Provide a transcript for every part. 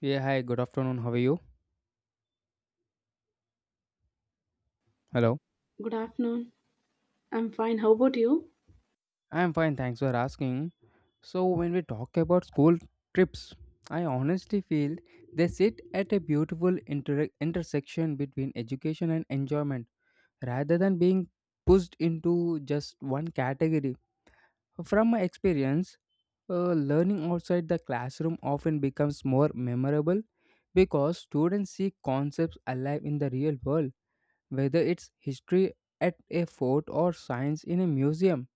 Yeah, hi, good afternoon. How are you? Hello. Good afternoon. I'm fine. How about you? I'm fine, thanks for asking. So, when we talk about school trips, I honestly feel they sit at a beautiful intersection between education and enjoyment rather than being pushed into just one category. From my experience, learning outside the classroom often becomes more memorable because students see concepts alive in the real world, whether it's history at a fort or science in a museum.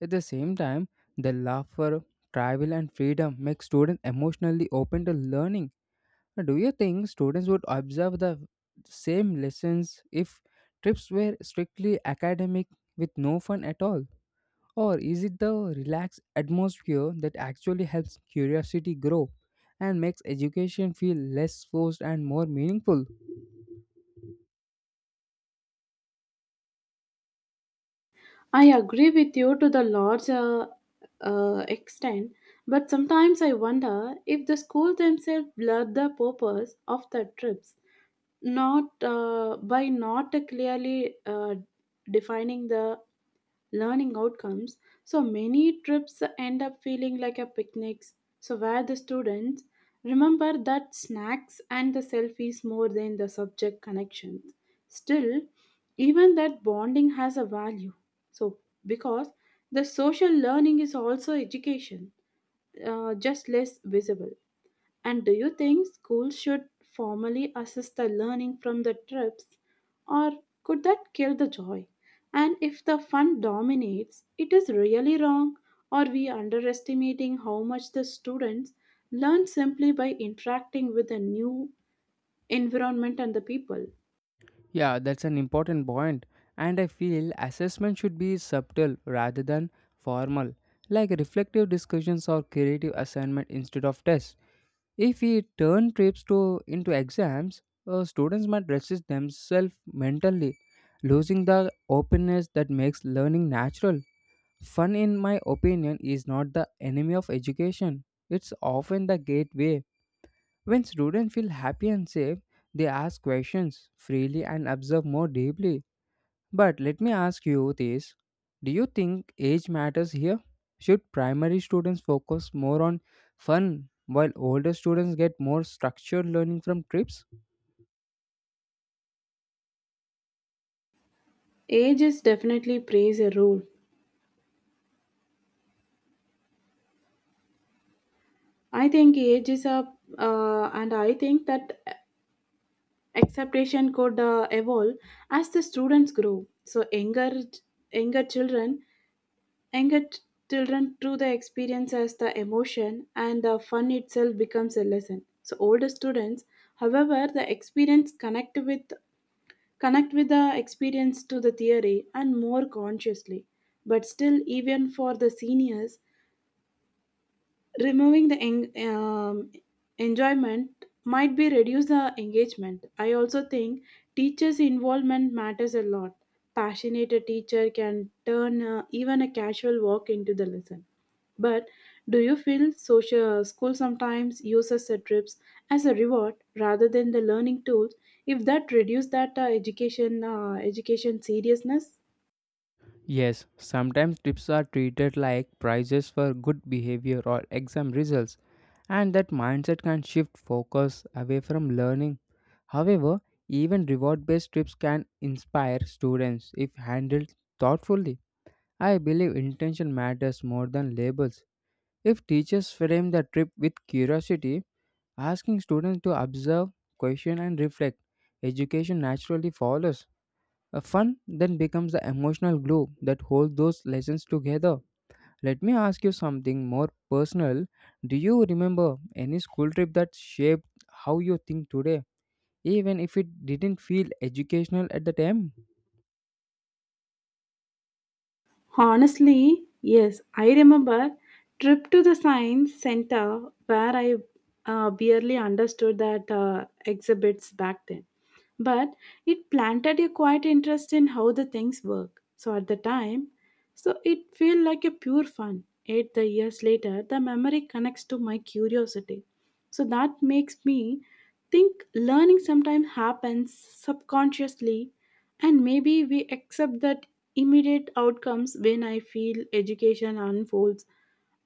At the same time, the love for travel and freedom makes students emotionally open to learning. Do you think students would observe the same lessons if trips were strictly academic with no fun at all? Or is it the relaxed atmosphere that actually helps curiosity grow and makes education feel less forced and more meaningful? I agree with you to the large extent, but sometimes I wonder if the school themselves blur the purpose of the trips, not by not clearly defining the learning outcomes. So many trips end up feeling like a picnics. So where the students remember that snacks and the selfies more than the subject connections. Still, even that bonding has a value. So, because the social learning is also education, just less visible. And do you think schools should formally assess the learning from the trips, or could that kill the joy? And if the fun dominates, it is really wrong, or we underestimating how much the students learn simply by interacting with a new environment and the people. Yeah, that's an important point. And I feel assessment should be subtle rather than formal, like reflective discussions or creative assignment instead of tests. If we turn trips to into exams, students might resist themselves mentally, losing the openness that makes learning natural. Fun, in my opinion, is not the enemy of education. It's often the gateway. When students feel happy and safe, they ask questions freely and observe more deeply. But let me ask you this. Do you think age matters here? Should primary students focus more on fun while older students get more structured learning from trips? Age is definitely plays a role, I think age is up, and I think that acceptation could evolve as the students grow. So younger children, younger t- children through the experience as the emotion and the fun itself becomes a lesson. So older students, however, the experience connect with the experience to the theory and more consciously. But still, even for the seniors, removing the enjoyment might be reduce the engagement. I also think teachers involvement matters a lot. Passionate teacher can turn even a casual walk into the lesson, but do you feel social school sometimes uses the trips as a reward rather than the learning tools, if that reduce that education seriousness? Yes, sometimes trips are treated like prizes for good behavior or exam results, and that mindset can shift focus away from learning. However, even reward based trips can inspire students if handled thoughtfully. I believe intention matters more than labels. If teachers frame the trip with curiosity, asking students to observe, question, and reflect, education naturally follows. A fun then becomes the emotional glue that holds those lessons together. Let me ask you something more personal. Do you remember any school trip that shaped how you think today, even if it didn't feel educational at the time? Honestly, yes, I remember trip to the science center where I barely understood that exhibits back then. But it planted a quiet interest in how the things work. So at the time, so it felt like a pure fun. Eight the years later, the memory connects to my curiosity. So that makes me think learning sometimes happens subconsciously, and maybe we accept that immediate outcomes when I feel education unfolds,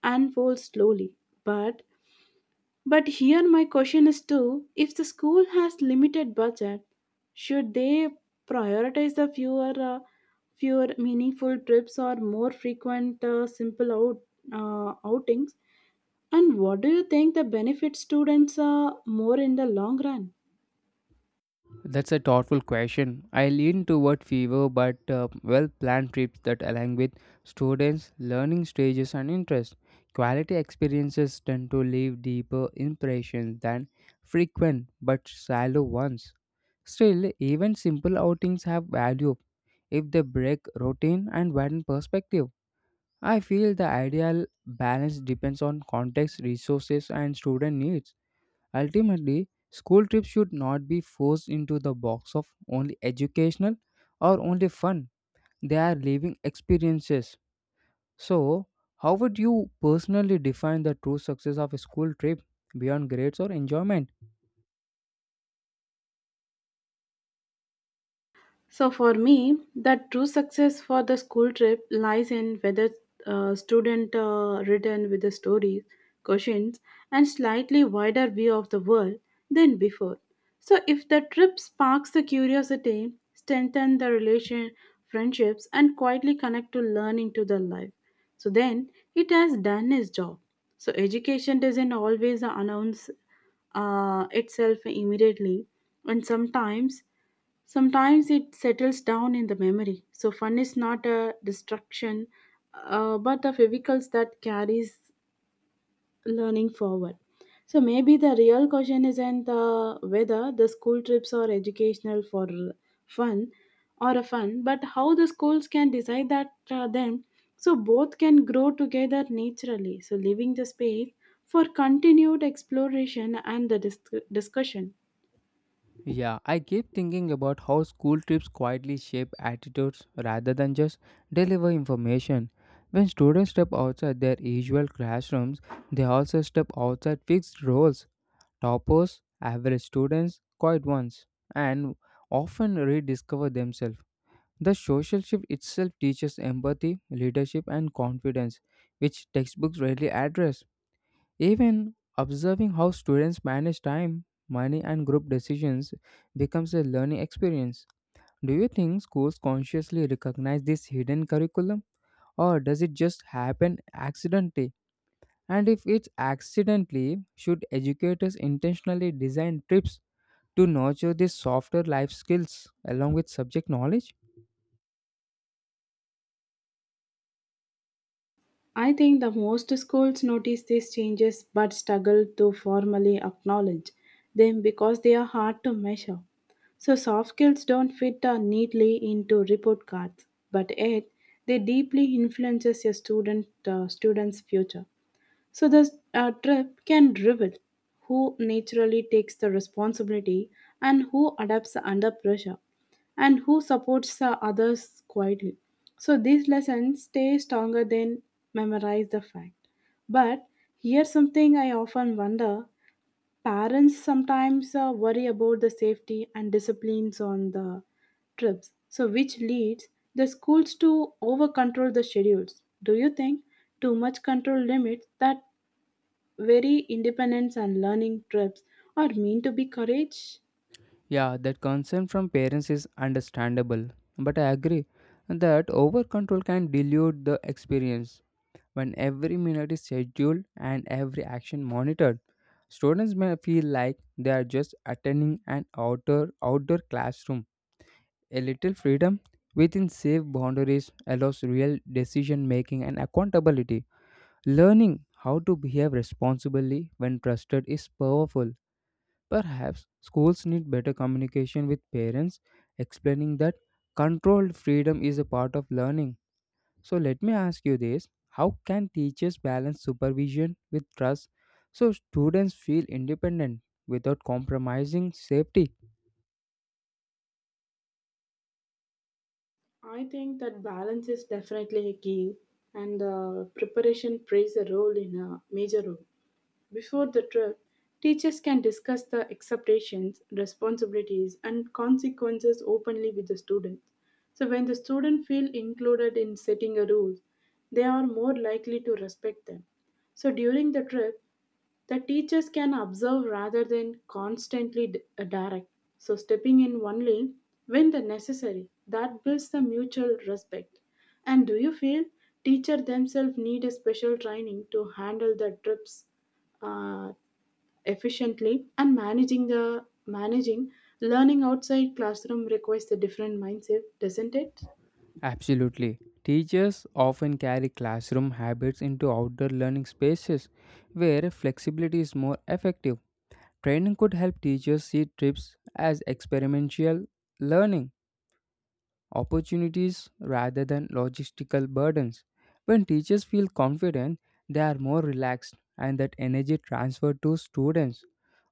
slowly. But but here my question is too, if the school has limited budget, should they prioritize the fewer meaningful trips or more frequent simple outings? And what do you think the benefit students are more in the long run? That's a thoughtful question. I lean toward fewer but well planned trips that align with students' learning stages and interests. Quality experiences tend to leave deeper impressions than frequent but shallow ones. Still, even simple outings have value if they break routine and widen perspective. I feel the ideal balance depends on context, resources, and student needs. Ultimately, school trips should not be forced into the box of only educational or only fun. They are living experiences. So, how would you personally define the true success of a school trip beyond grades or enjoyment? So, for me, the true success for the school trip lies in whether student written with the stories, questions, and slightly wider view of the world than before. So, if the trip sparks the curiosity, strengthen the relation, friendships, and quietly connect to learning to the life, so then it has done its job. So, education doesn't always announce itself immediately, and sometimes. Sometimes it settles down in the memory. So fun is not a destruction, but the vehicles that carries learning forward. So maybe the real question isn't whether the school trips are educational for fun or a fun, but how the schools can decide that then, so both can grow together naturally. So leaving the space for continued exploration and the discussion. Yeah, I keep thinking about how school trips quietly shape attitudes rather than just deliver information. When students step outside their usual classrooms, they also step outside fixed roles. Toppers, average students, quiet ones, and often rediscover themselves. The social shift itself teaches empathy, leadership, and confidence, which textbooks rarely address. Even observing how students manage time, money, and group decisions becomes a learning experience. Do you think schools consciously recognize this hidden curriculum, or does it just happen accidentally? And if it's accidentally, should educators intentionally design trips to nurture these softer life skills along with subject knowledge? I think the most schools notice these changes but struggle to formally acknowledge them because they are hard to measure. So, soft skills don't fit neatly into report cards, but yet they deeply influences a student's future. So the trip can reveal who naturally takes the responsibility, and who adapts under pressure, and who supports the others quietly. So these lessons stay stronger than memorize the fact. But here's something I often wonder. Parents sometimes worry about the safety and disciplines on the trips, so which leads the schools to over control the schedules. Do you think too much control limits that very independence, and learning trips are mean to be courage? Yeah, that concern from parents is understandable, but I agree that over control can dilute the experience. When every minute is scheduled and every action monitored, students may feel like they are just attending an outdoor classroom. A little freedom within safe boundaries allows real decision making and accountability. Learning how to behave responsibly when trusted is powerful. Perhaps schools need better communication with parents, explaining that controlled freedom is a part of learning. So, let me ask you this. How can teachers balance supervision with trust so students feel independent without compromising safety? I think that balance is definitely a key, and preparation plays a role in a major role. Before the trip, teachers can discuss the expectations, responsibilities, and consequences openly with the students. So, when the students feel included in setting a rules, they are more likely to respect them. So, during the trip, the teachers can observe rather than constantly direct. So, stepping in only when the necessary, that builds the mutual respect. And do you feel teacher themselves need a special training to handle the trips uh, efficiently, and managing the managing learning outside classroom requires a different mindset, doesn't it? Absolutely. Teachers often carry classroom habits into outdoor learning spaces where flexibility is more effective. Training could help teachers see trips as experimental learning opportunities rather than logistical burdens. When teachers feel confident, they are more relaxed and that energy transferred to students.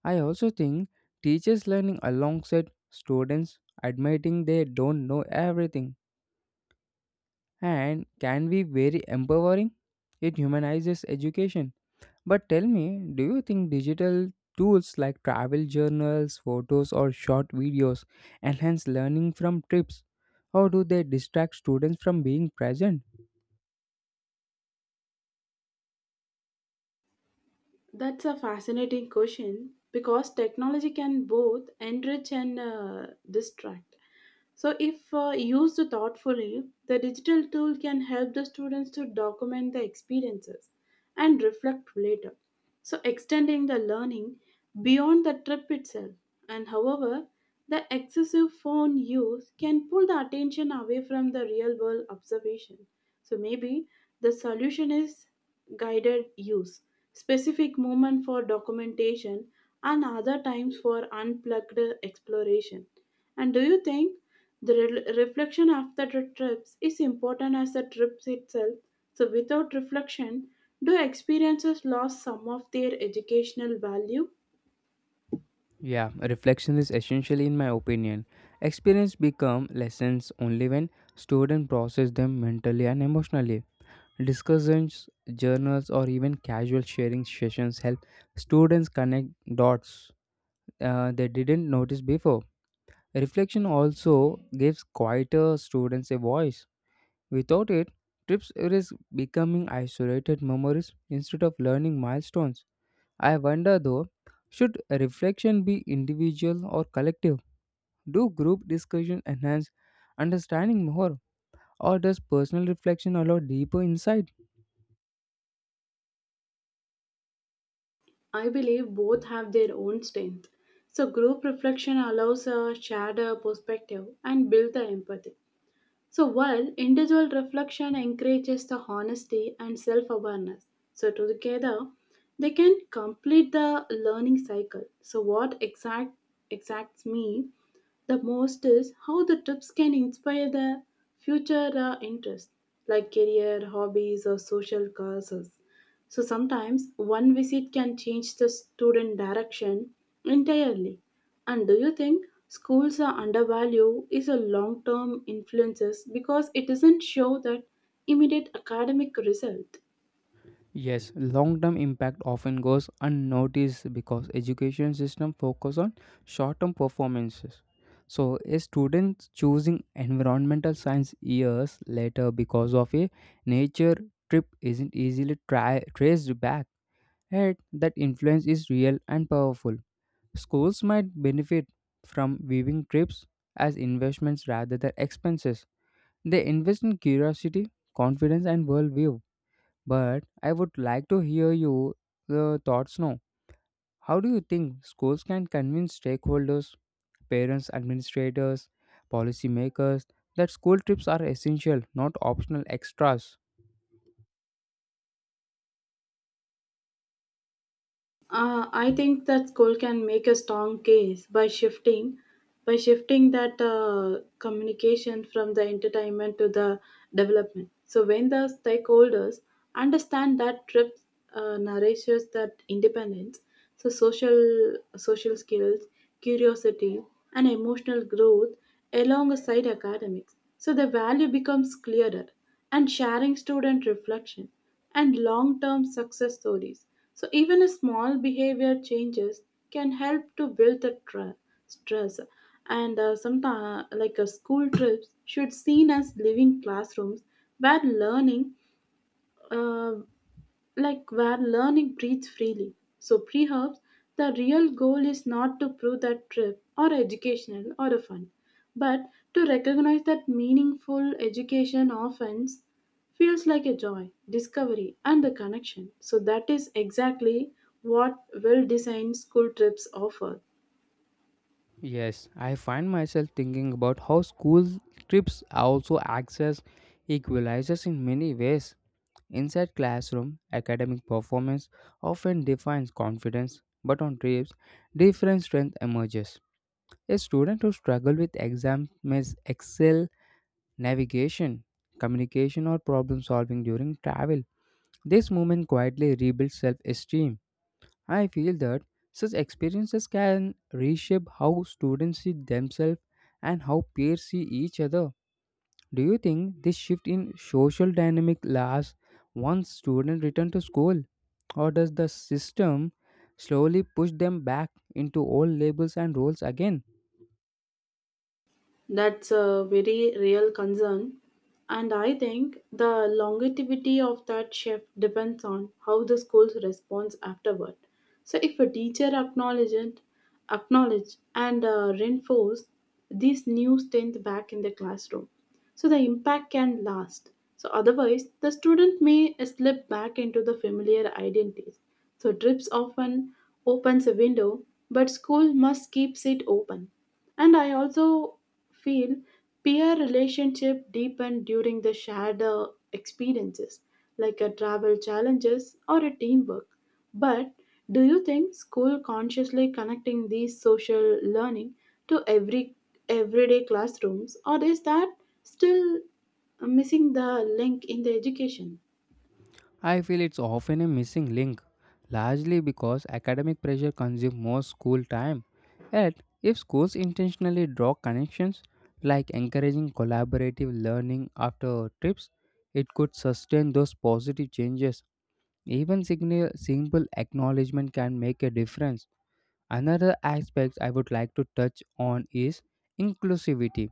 I also think teachers learning alongside students admitting they don't know everything and can be very empowering. It humanizes education. But tell me, do you think digital tools like travel journals, photos, or short videos enhance learning from trips? Or do they distract students from being present? That's a fascinating question because technology can both enrich and distract. So, if used thoughtfully, the digital tool can help the students to document the experiences and reflect later. So, extending the learning beyond the trip itself. And however, the excessive phone use can pull the attention away from the real world observation. So, maybe the solution is guided use, specific moment for documentation, and other times for unplugged exploration. And do you think the reflection after the trips is important as the trips itself? So, without reflection, do experiences lose some of their educational value? Yeah, reflection is essential in my opinion. Experience become lessons only when students process them mentally and emotionally. Discussions, journals, or even casual sharing sessions help students connect dots they didn't notice before. Reflection also gives quieter students a voice. Without it, trips risk becoming isolated memories instead of learning milestones. I wonder though, should reflection be individual or collective? Do group discussion enhance understanding more, or does personal reflection allow deeper insight? I believe both have their own strength. So, group reflection allows a shared perspective and build the empathy. So, while individual reflection encourages the honesty and self awareness, so together they can complete the learning cycle. So, what exacts me the most is how the trips can inspire the future interests like career, hobbies, or social causes. So sometimes one visit can change the student direction entirely. And do you think schools are undervalue is a long-term influences because it isn't show that immediate academic result? Yes, long-term impact often goes unnoticed because education system focus on short-term performances. So a student choosing environmental science years later because of a nature trip isn't easily traced back. Yet that influence is real and powerful. Schools might benefit from viewing trips as investments rather than expenses. They invest in curiosity, confidence, and worldview, but I would like to hear your thoughts now. How do you think schools can convince stakeholders, parents, administrators, policymakers that school trips are essential, not optional extras? I think that school can make a strong case by shifting that communication from the entertainment to the development. So when the stakeholders understand that trip nourishes that independence, so social skills, curiosity, and emotional growth alongside academics. So the value becomes clearer, and sharing student reflection and long term success stories. So, even a small behavior changes can help to build the stress. And sometimes, like a school trips, should seen as living classrooms where learning. uh, where learning breathes freely. So pre perhaps the real goal is not to prove that trip or educational or a fun, but to recognize that meaningful education often feels like a joy, discovery, and a connection. So that is exactly what well-designed school trips offer. Yes, I find myself thinking about how school trips are also access equalizers in many ways. Inside classroom, academic performance often defines confidence, but on trips, different strength emerges. A student who struggles with exams, may excel navigation, communication, or problem solving during travel. This movement quietly rebuilds self esteem. I feel that such experiences can reshape how students see themselves and how peers see each other. Do you think this shift in social dynamic lasts once students return to school? Or does the system slowly push them back into old labels and roles again? That's a very real concern. And I think the longevity of that shift depends on how the school responds afterward. So if a teacher acknowledge and reinforce these new strength back in the classroom, so the impact can last. So otherwise, the student may slip back into the familiar identities. So trips often opens a window, but school must keeps it open. And I also feel peer relationship deepen during the shared experiences like a travel challenges or a teamwork, but do you think school consciously connecting these social learning to everyday classrooms, or is that still missing the link in the education? I feel it's often a missing link, largely because academic pressure consumes most school time. Yet, if schools intentionally draw connections, like encouraging collaborative learning after trips, it could sustain those positive changes. Even simple acknowledgement can make a difference. Another aspect I would like to touch on is inclusivity.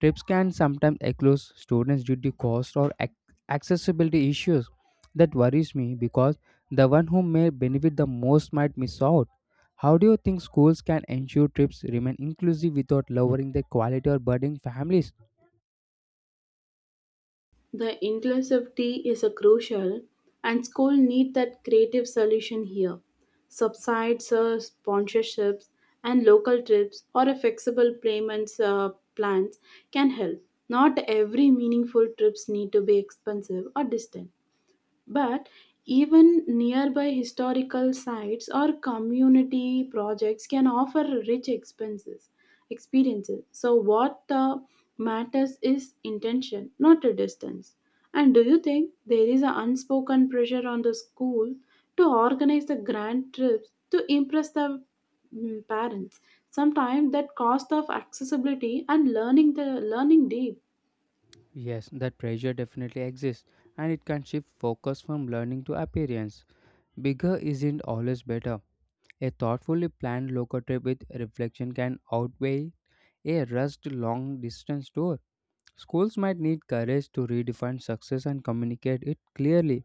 Trips can sometimes exclude students due to cost or accessibility issues. That worries me because the one who may benefit the most might miss out. How do you think schools can ensure trips remain inclusive without lowering the quality or burdening families? The inclusivity is a crucial, and school need that creative solution here. Subsides, sponsorships, and local trips or a flexible payments plans can help. Not every meaningful trips need to be expensive or distant. But even nearby historical sites or community projects can offer rich experiences. So, what matters is intention, not a distance. And do you think there is an unspoken pressure on the school to organize the grand trips to impress the parents? Sometimes that cost of accessibility and learning deep. Yes, that pressure definitely exists and it can shift focus from learning to appearance. Bigger isn't always better. A thoughtfully planned local trip with reflection can outweigh a rushed long distance tour. Schools might need courage to redefine success and communicate it clearly.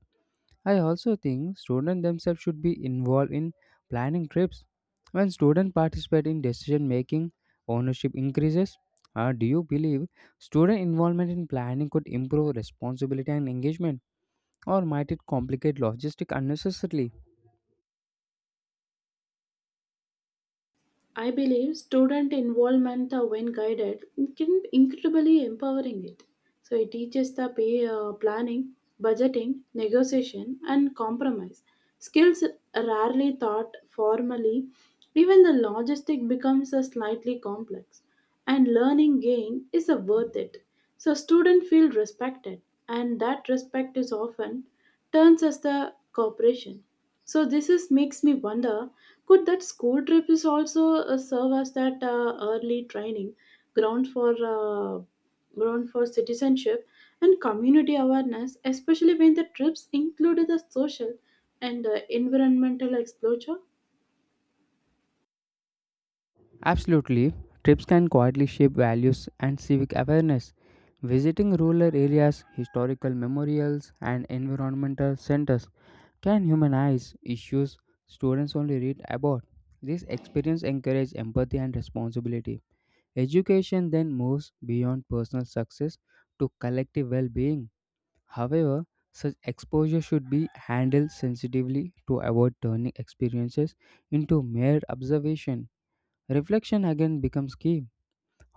I also think students themselves should be involved in planning trips. When students participate in decision making, ownership increases. Do you believe student involvement in planning could improve responsibility and engagement, or might it complicate logistics unnecessarily? I believe student involvement when guided can be incredibly empowering it. So it teaches the planning, budgeting, negotiation, and compromise skills rarely taught formally. Even the logistic becomes a slightly complex, and learning gain is a worth it. So students feel respected, and that respect is often turns as the cooperation. So this is makes me wonder: could that school trip is also serve as that early training ground for uh, ground for citizenship and community awareness, especially when the trips included the social and environmental exposure? Absolutely. Trips can quietly shape values and civic awareness. Visiting rural areas, historical memorials, and environmental centers can humanize issues students only read about. This experience encourages empathy and responsibility. Education then moves beyond personal success to collective well being. However, such exposure should be handled sensitively to avoid turning experiences into mere observation. Reflection again becomes key.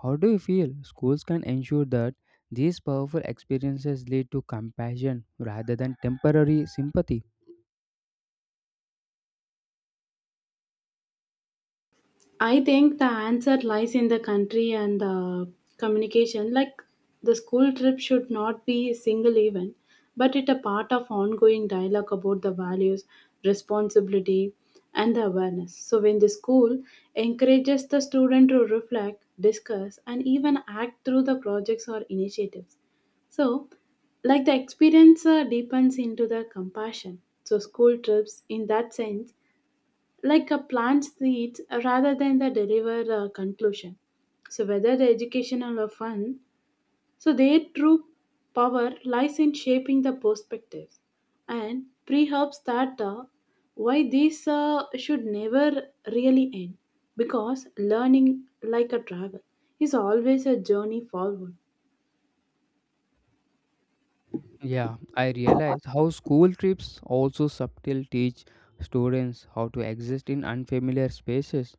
How do you feel schools can ensure that these powerful experiences lead to compassion rather than temporary sympathy? I think the answer lies in the country and the communication. Like the school trip should not be a single event, but it a part of ongoing dialogue about the values, responsibility, and the awareness. So when the school encourages the student to reflect, discuss, and even act through the projects or initiatives. So, like the experience deepens into the compassion. So, school trips, in that sense, like a plant seeds rather than the deliver conclusion. So whether the educational or fun, so their true power lies in shaping the perspectives and pre-herbs that why this should never really end, because learning like a travel is always a journey forward. Yeah, I realize how school trips also subtle teach students how to exist in unfamiliar spaces,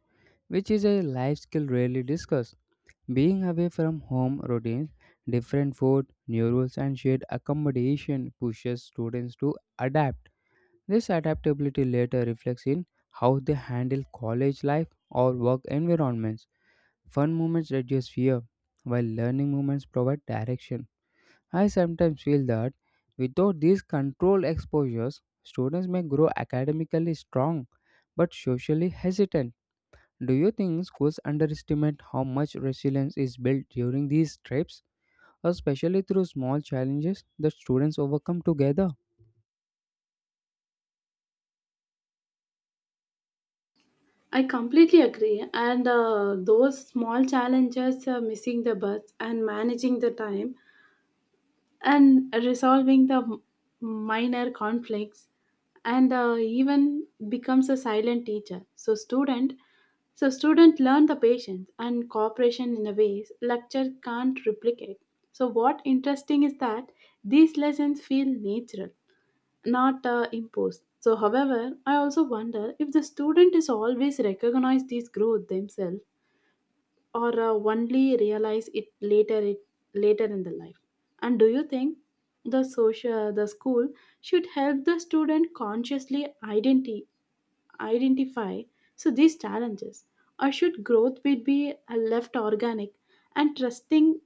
which is a life skill rarely discussed. Being away from home routines, different food, new rules, and shared accommodation pushes students to adapt. This adaptability later reflects in how they handle college life or work environments. Fun moments reduce fear, while learning moments provide direction. I sometimes feel that without these controlled exposures, students may grow academically strong but socially hesitant. Do you think schools underestimate how much resilience is built during these trips, especially through small challenges that students overcome together? I completely agree. And those small challenges, missing the bus and managing the time, and resolving the minor conflicts and even becomes a silent teacher so student learn the patience and cooperation in a ways lecture can't replicate. So what interesting is that these lessons feel natural, not imposed. So however, I also wonder if the student is always recognize this growth themselves, or only realize it later in the life. And do you think the school should help the student consciously identify so these challenges, or should growth be left organic and trusting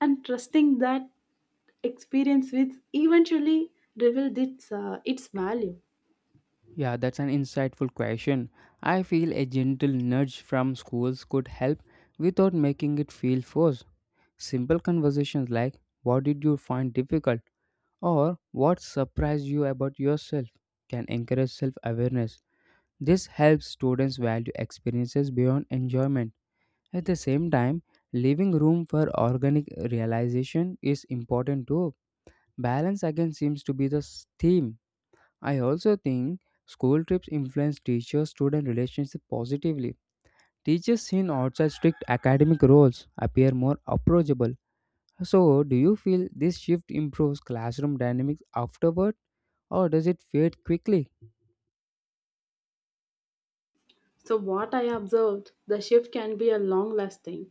and trusting that experience which eventually revealed its value? Yeah, that's an insightful question. I feel a gentle nudge from schools could help without making it feel forced. Simple conversations like, "What did you find difficult?" or "what surprised you about yourself" can encourage self awareness. This helps students value experiences beyond enjoyment. At the same time, leaving room for organic realization is important too. Balance again seems to be the theme. I also think school trips influence teacher student relationship positively. Teachers seen outside strict academic roles appear more approachable. So, do you feel this shift improves classroom dynamics afterward? Or does it fade quickly? So what I observed, the shift can be a long lasting.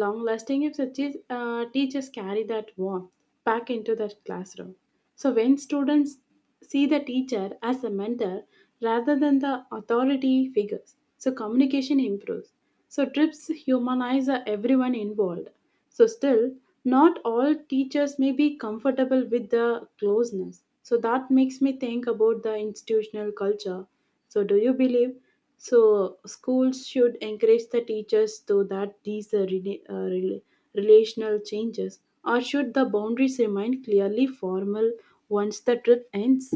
Long lasting if the teachers carry that warmth back into the classroom. So when students see the teacher as a mentor rather than the authority figures, so communication improves. So trips humanize everyone involved. So still, not all teachers may be comfortable with the closeness. So that makes me think about the institutional culture. So do you believe so? Schools should encourage the teachers to that these relational changes, or should the boundaries remain clearly formal once the trip ends?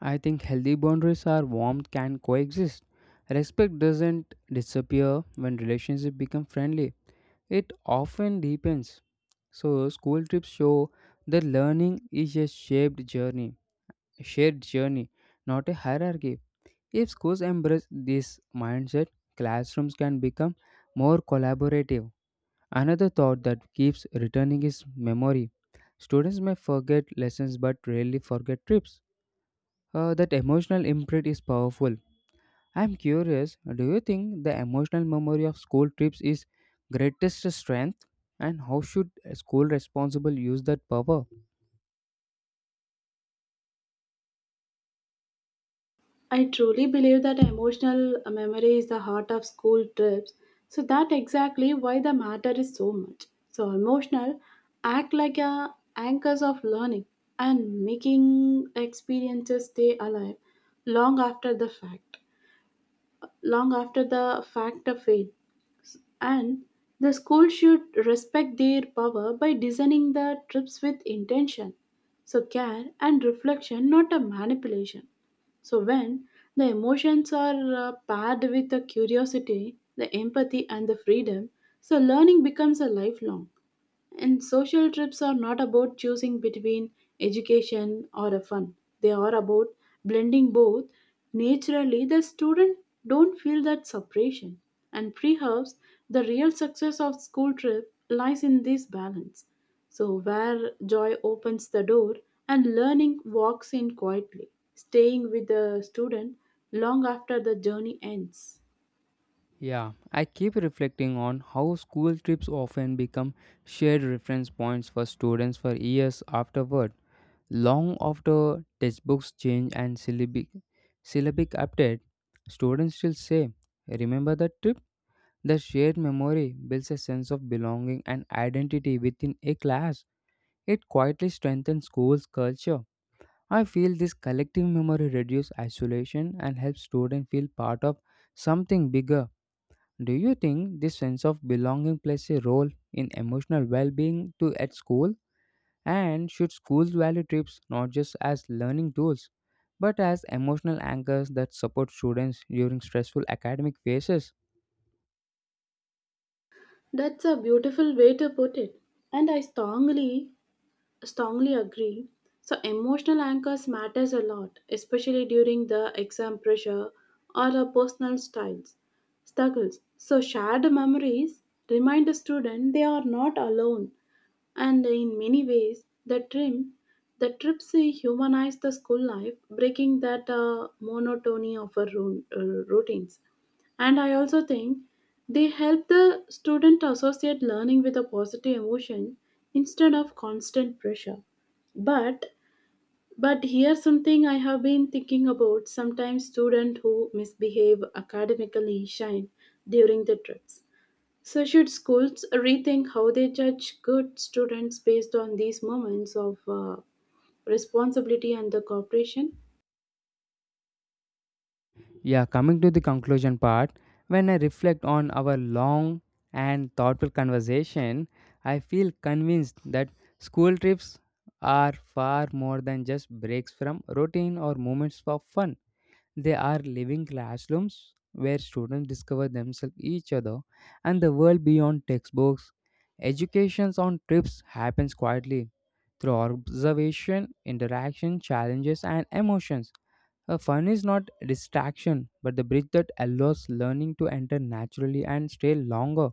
I think healthy boundaries are warmth can coexist. Respect doesn't disappear when relationships become friendly. It often deepens. So school trips show that learning is a shaped journey, a shared journey, not a hierarchy. If schools embrace this mindset, classrooms can become more collaborative. Another thought that keeps returning is memory. Students may forget lessons but rarely forget trips. That emotional imprint is powerful. I'm curious, do you think the emotional memory of school trips is greatest strength? And how should school responsible use that power? I truly believe that emotional memory is the heart of school trips. So that exactly why the matter is so much. So emotional act like a anchors of learning and making experiences stay alive long after the fact. Long after the fact of it. And the school should respect their power by designing the trips with intention. So care and reflection, not a manipulation. So when the emotions are paired with the curiosity, the empathy, and the freedom, so learning becomes a lifelong. And social trips are not about choosing between education or a fun. They are about blending both. Naturally, the student don't feel that separation. And perhaps the real success of school trip lies in this balance. So where joy opens the door and learning walks in quietly, staying with the student long after the journey ends. Yeah, I keep reflecting on how school trips often become shared reference points for students for years afterward, long after textbooks change and syllabic update. Students still say, "Remember that trip?" The shared memory builds a sense of belonging and identity within a class. It quietly strengthens school's culture. I feel this collective memory reduces isolation and helps students feel part of something bigger. Do you think this sense of belonging plays a role in emotional well-being too at school? And should schools value trips not just as learning tools, but as emotional anchors that support students during stressful academic phases? That's a beautiful way to put it. And I strongly agree. So emotional anchors matters a lot, especially during the exam pressure or our personal styles struggles. So shared memories remind the student they are not alone, and in many ways, the trips humanize the school life, breaking that monotony of our routines. And I also think they help the student associate learning with a positive emotion instead of constant pressure. But here's something I have been thinking about. Sometimes students who misbehave academically shine during the trips. So should schools rethink how they judge good students based on these moments of responsibility and the cooperation? Yeah, coming to the conclusion part, when I reflect on our long and thoughtful conversation, I feel convinced that school trips are far more than just breaks from routine or moments for fun. They are living classrooms where students discover themselves, each other, and the world beyond textbooks. Educations on trips happens quietly through observation, interaction, challenges, and emotions. Fun is not a distraction, but the bridge that allows learning to enter naturally and stay longer.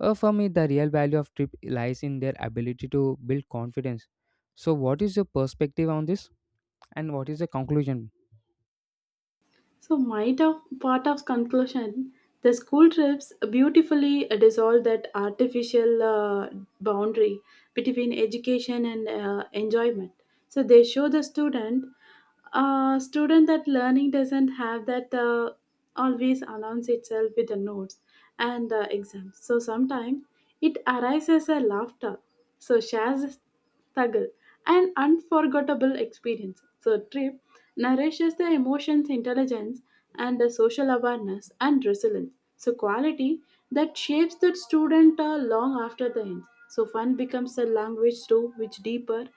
For me, the real value of trip lies in their ability to build confidence. So, what is your perspective on this, and what is the conclusion? So my of part of conclusion, the school trips beautifully dissolve that artificial boundary between education and enjoyment. So they show the student that learning doesn't have that always announce itself with the notes and exams. So sometimes it arises a laughter. So shares Tagal, an unforgettable experience. So trip nourishes the emotions, intelligence, and the social awareness and resilience. So quality that shapes the student long after the end. So fun becomes a language through which deeper,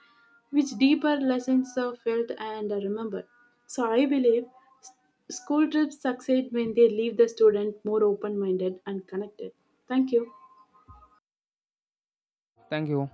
which deeper lessons are felt and are remembered. So I believe s- school trips succeed when they leave the student more open-minded and connected. Thank you. Thank you.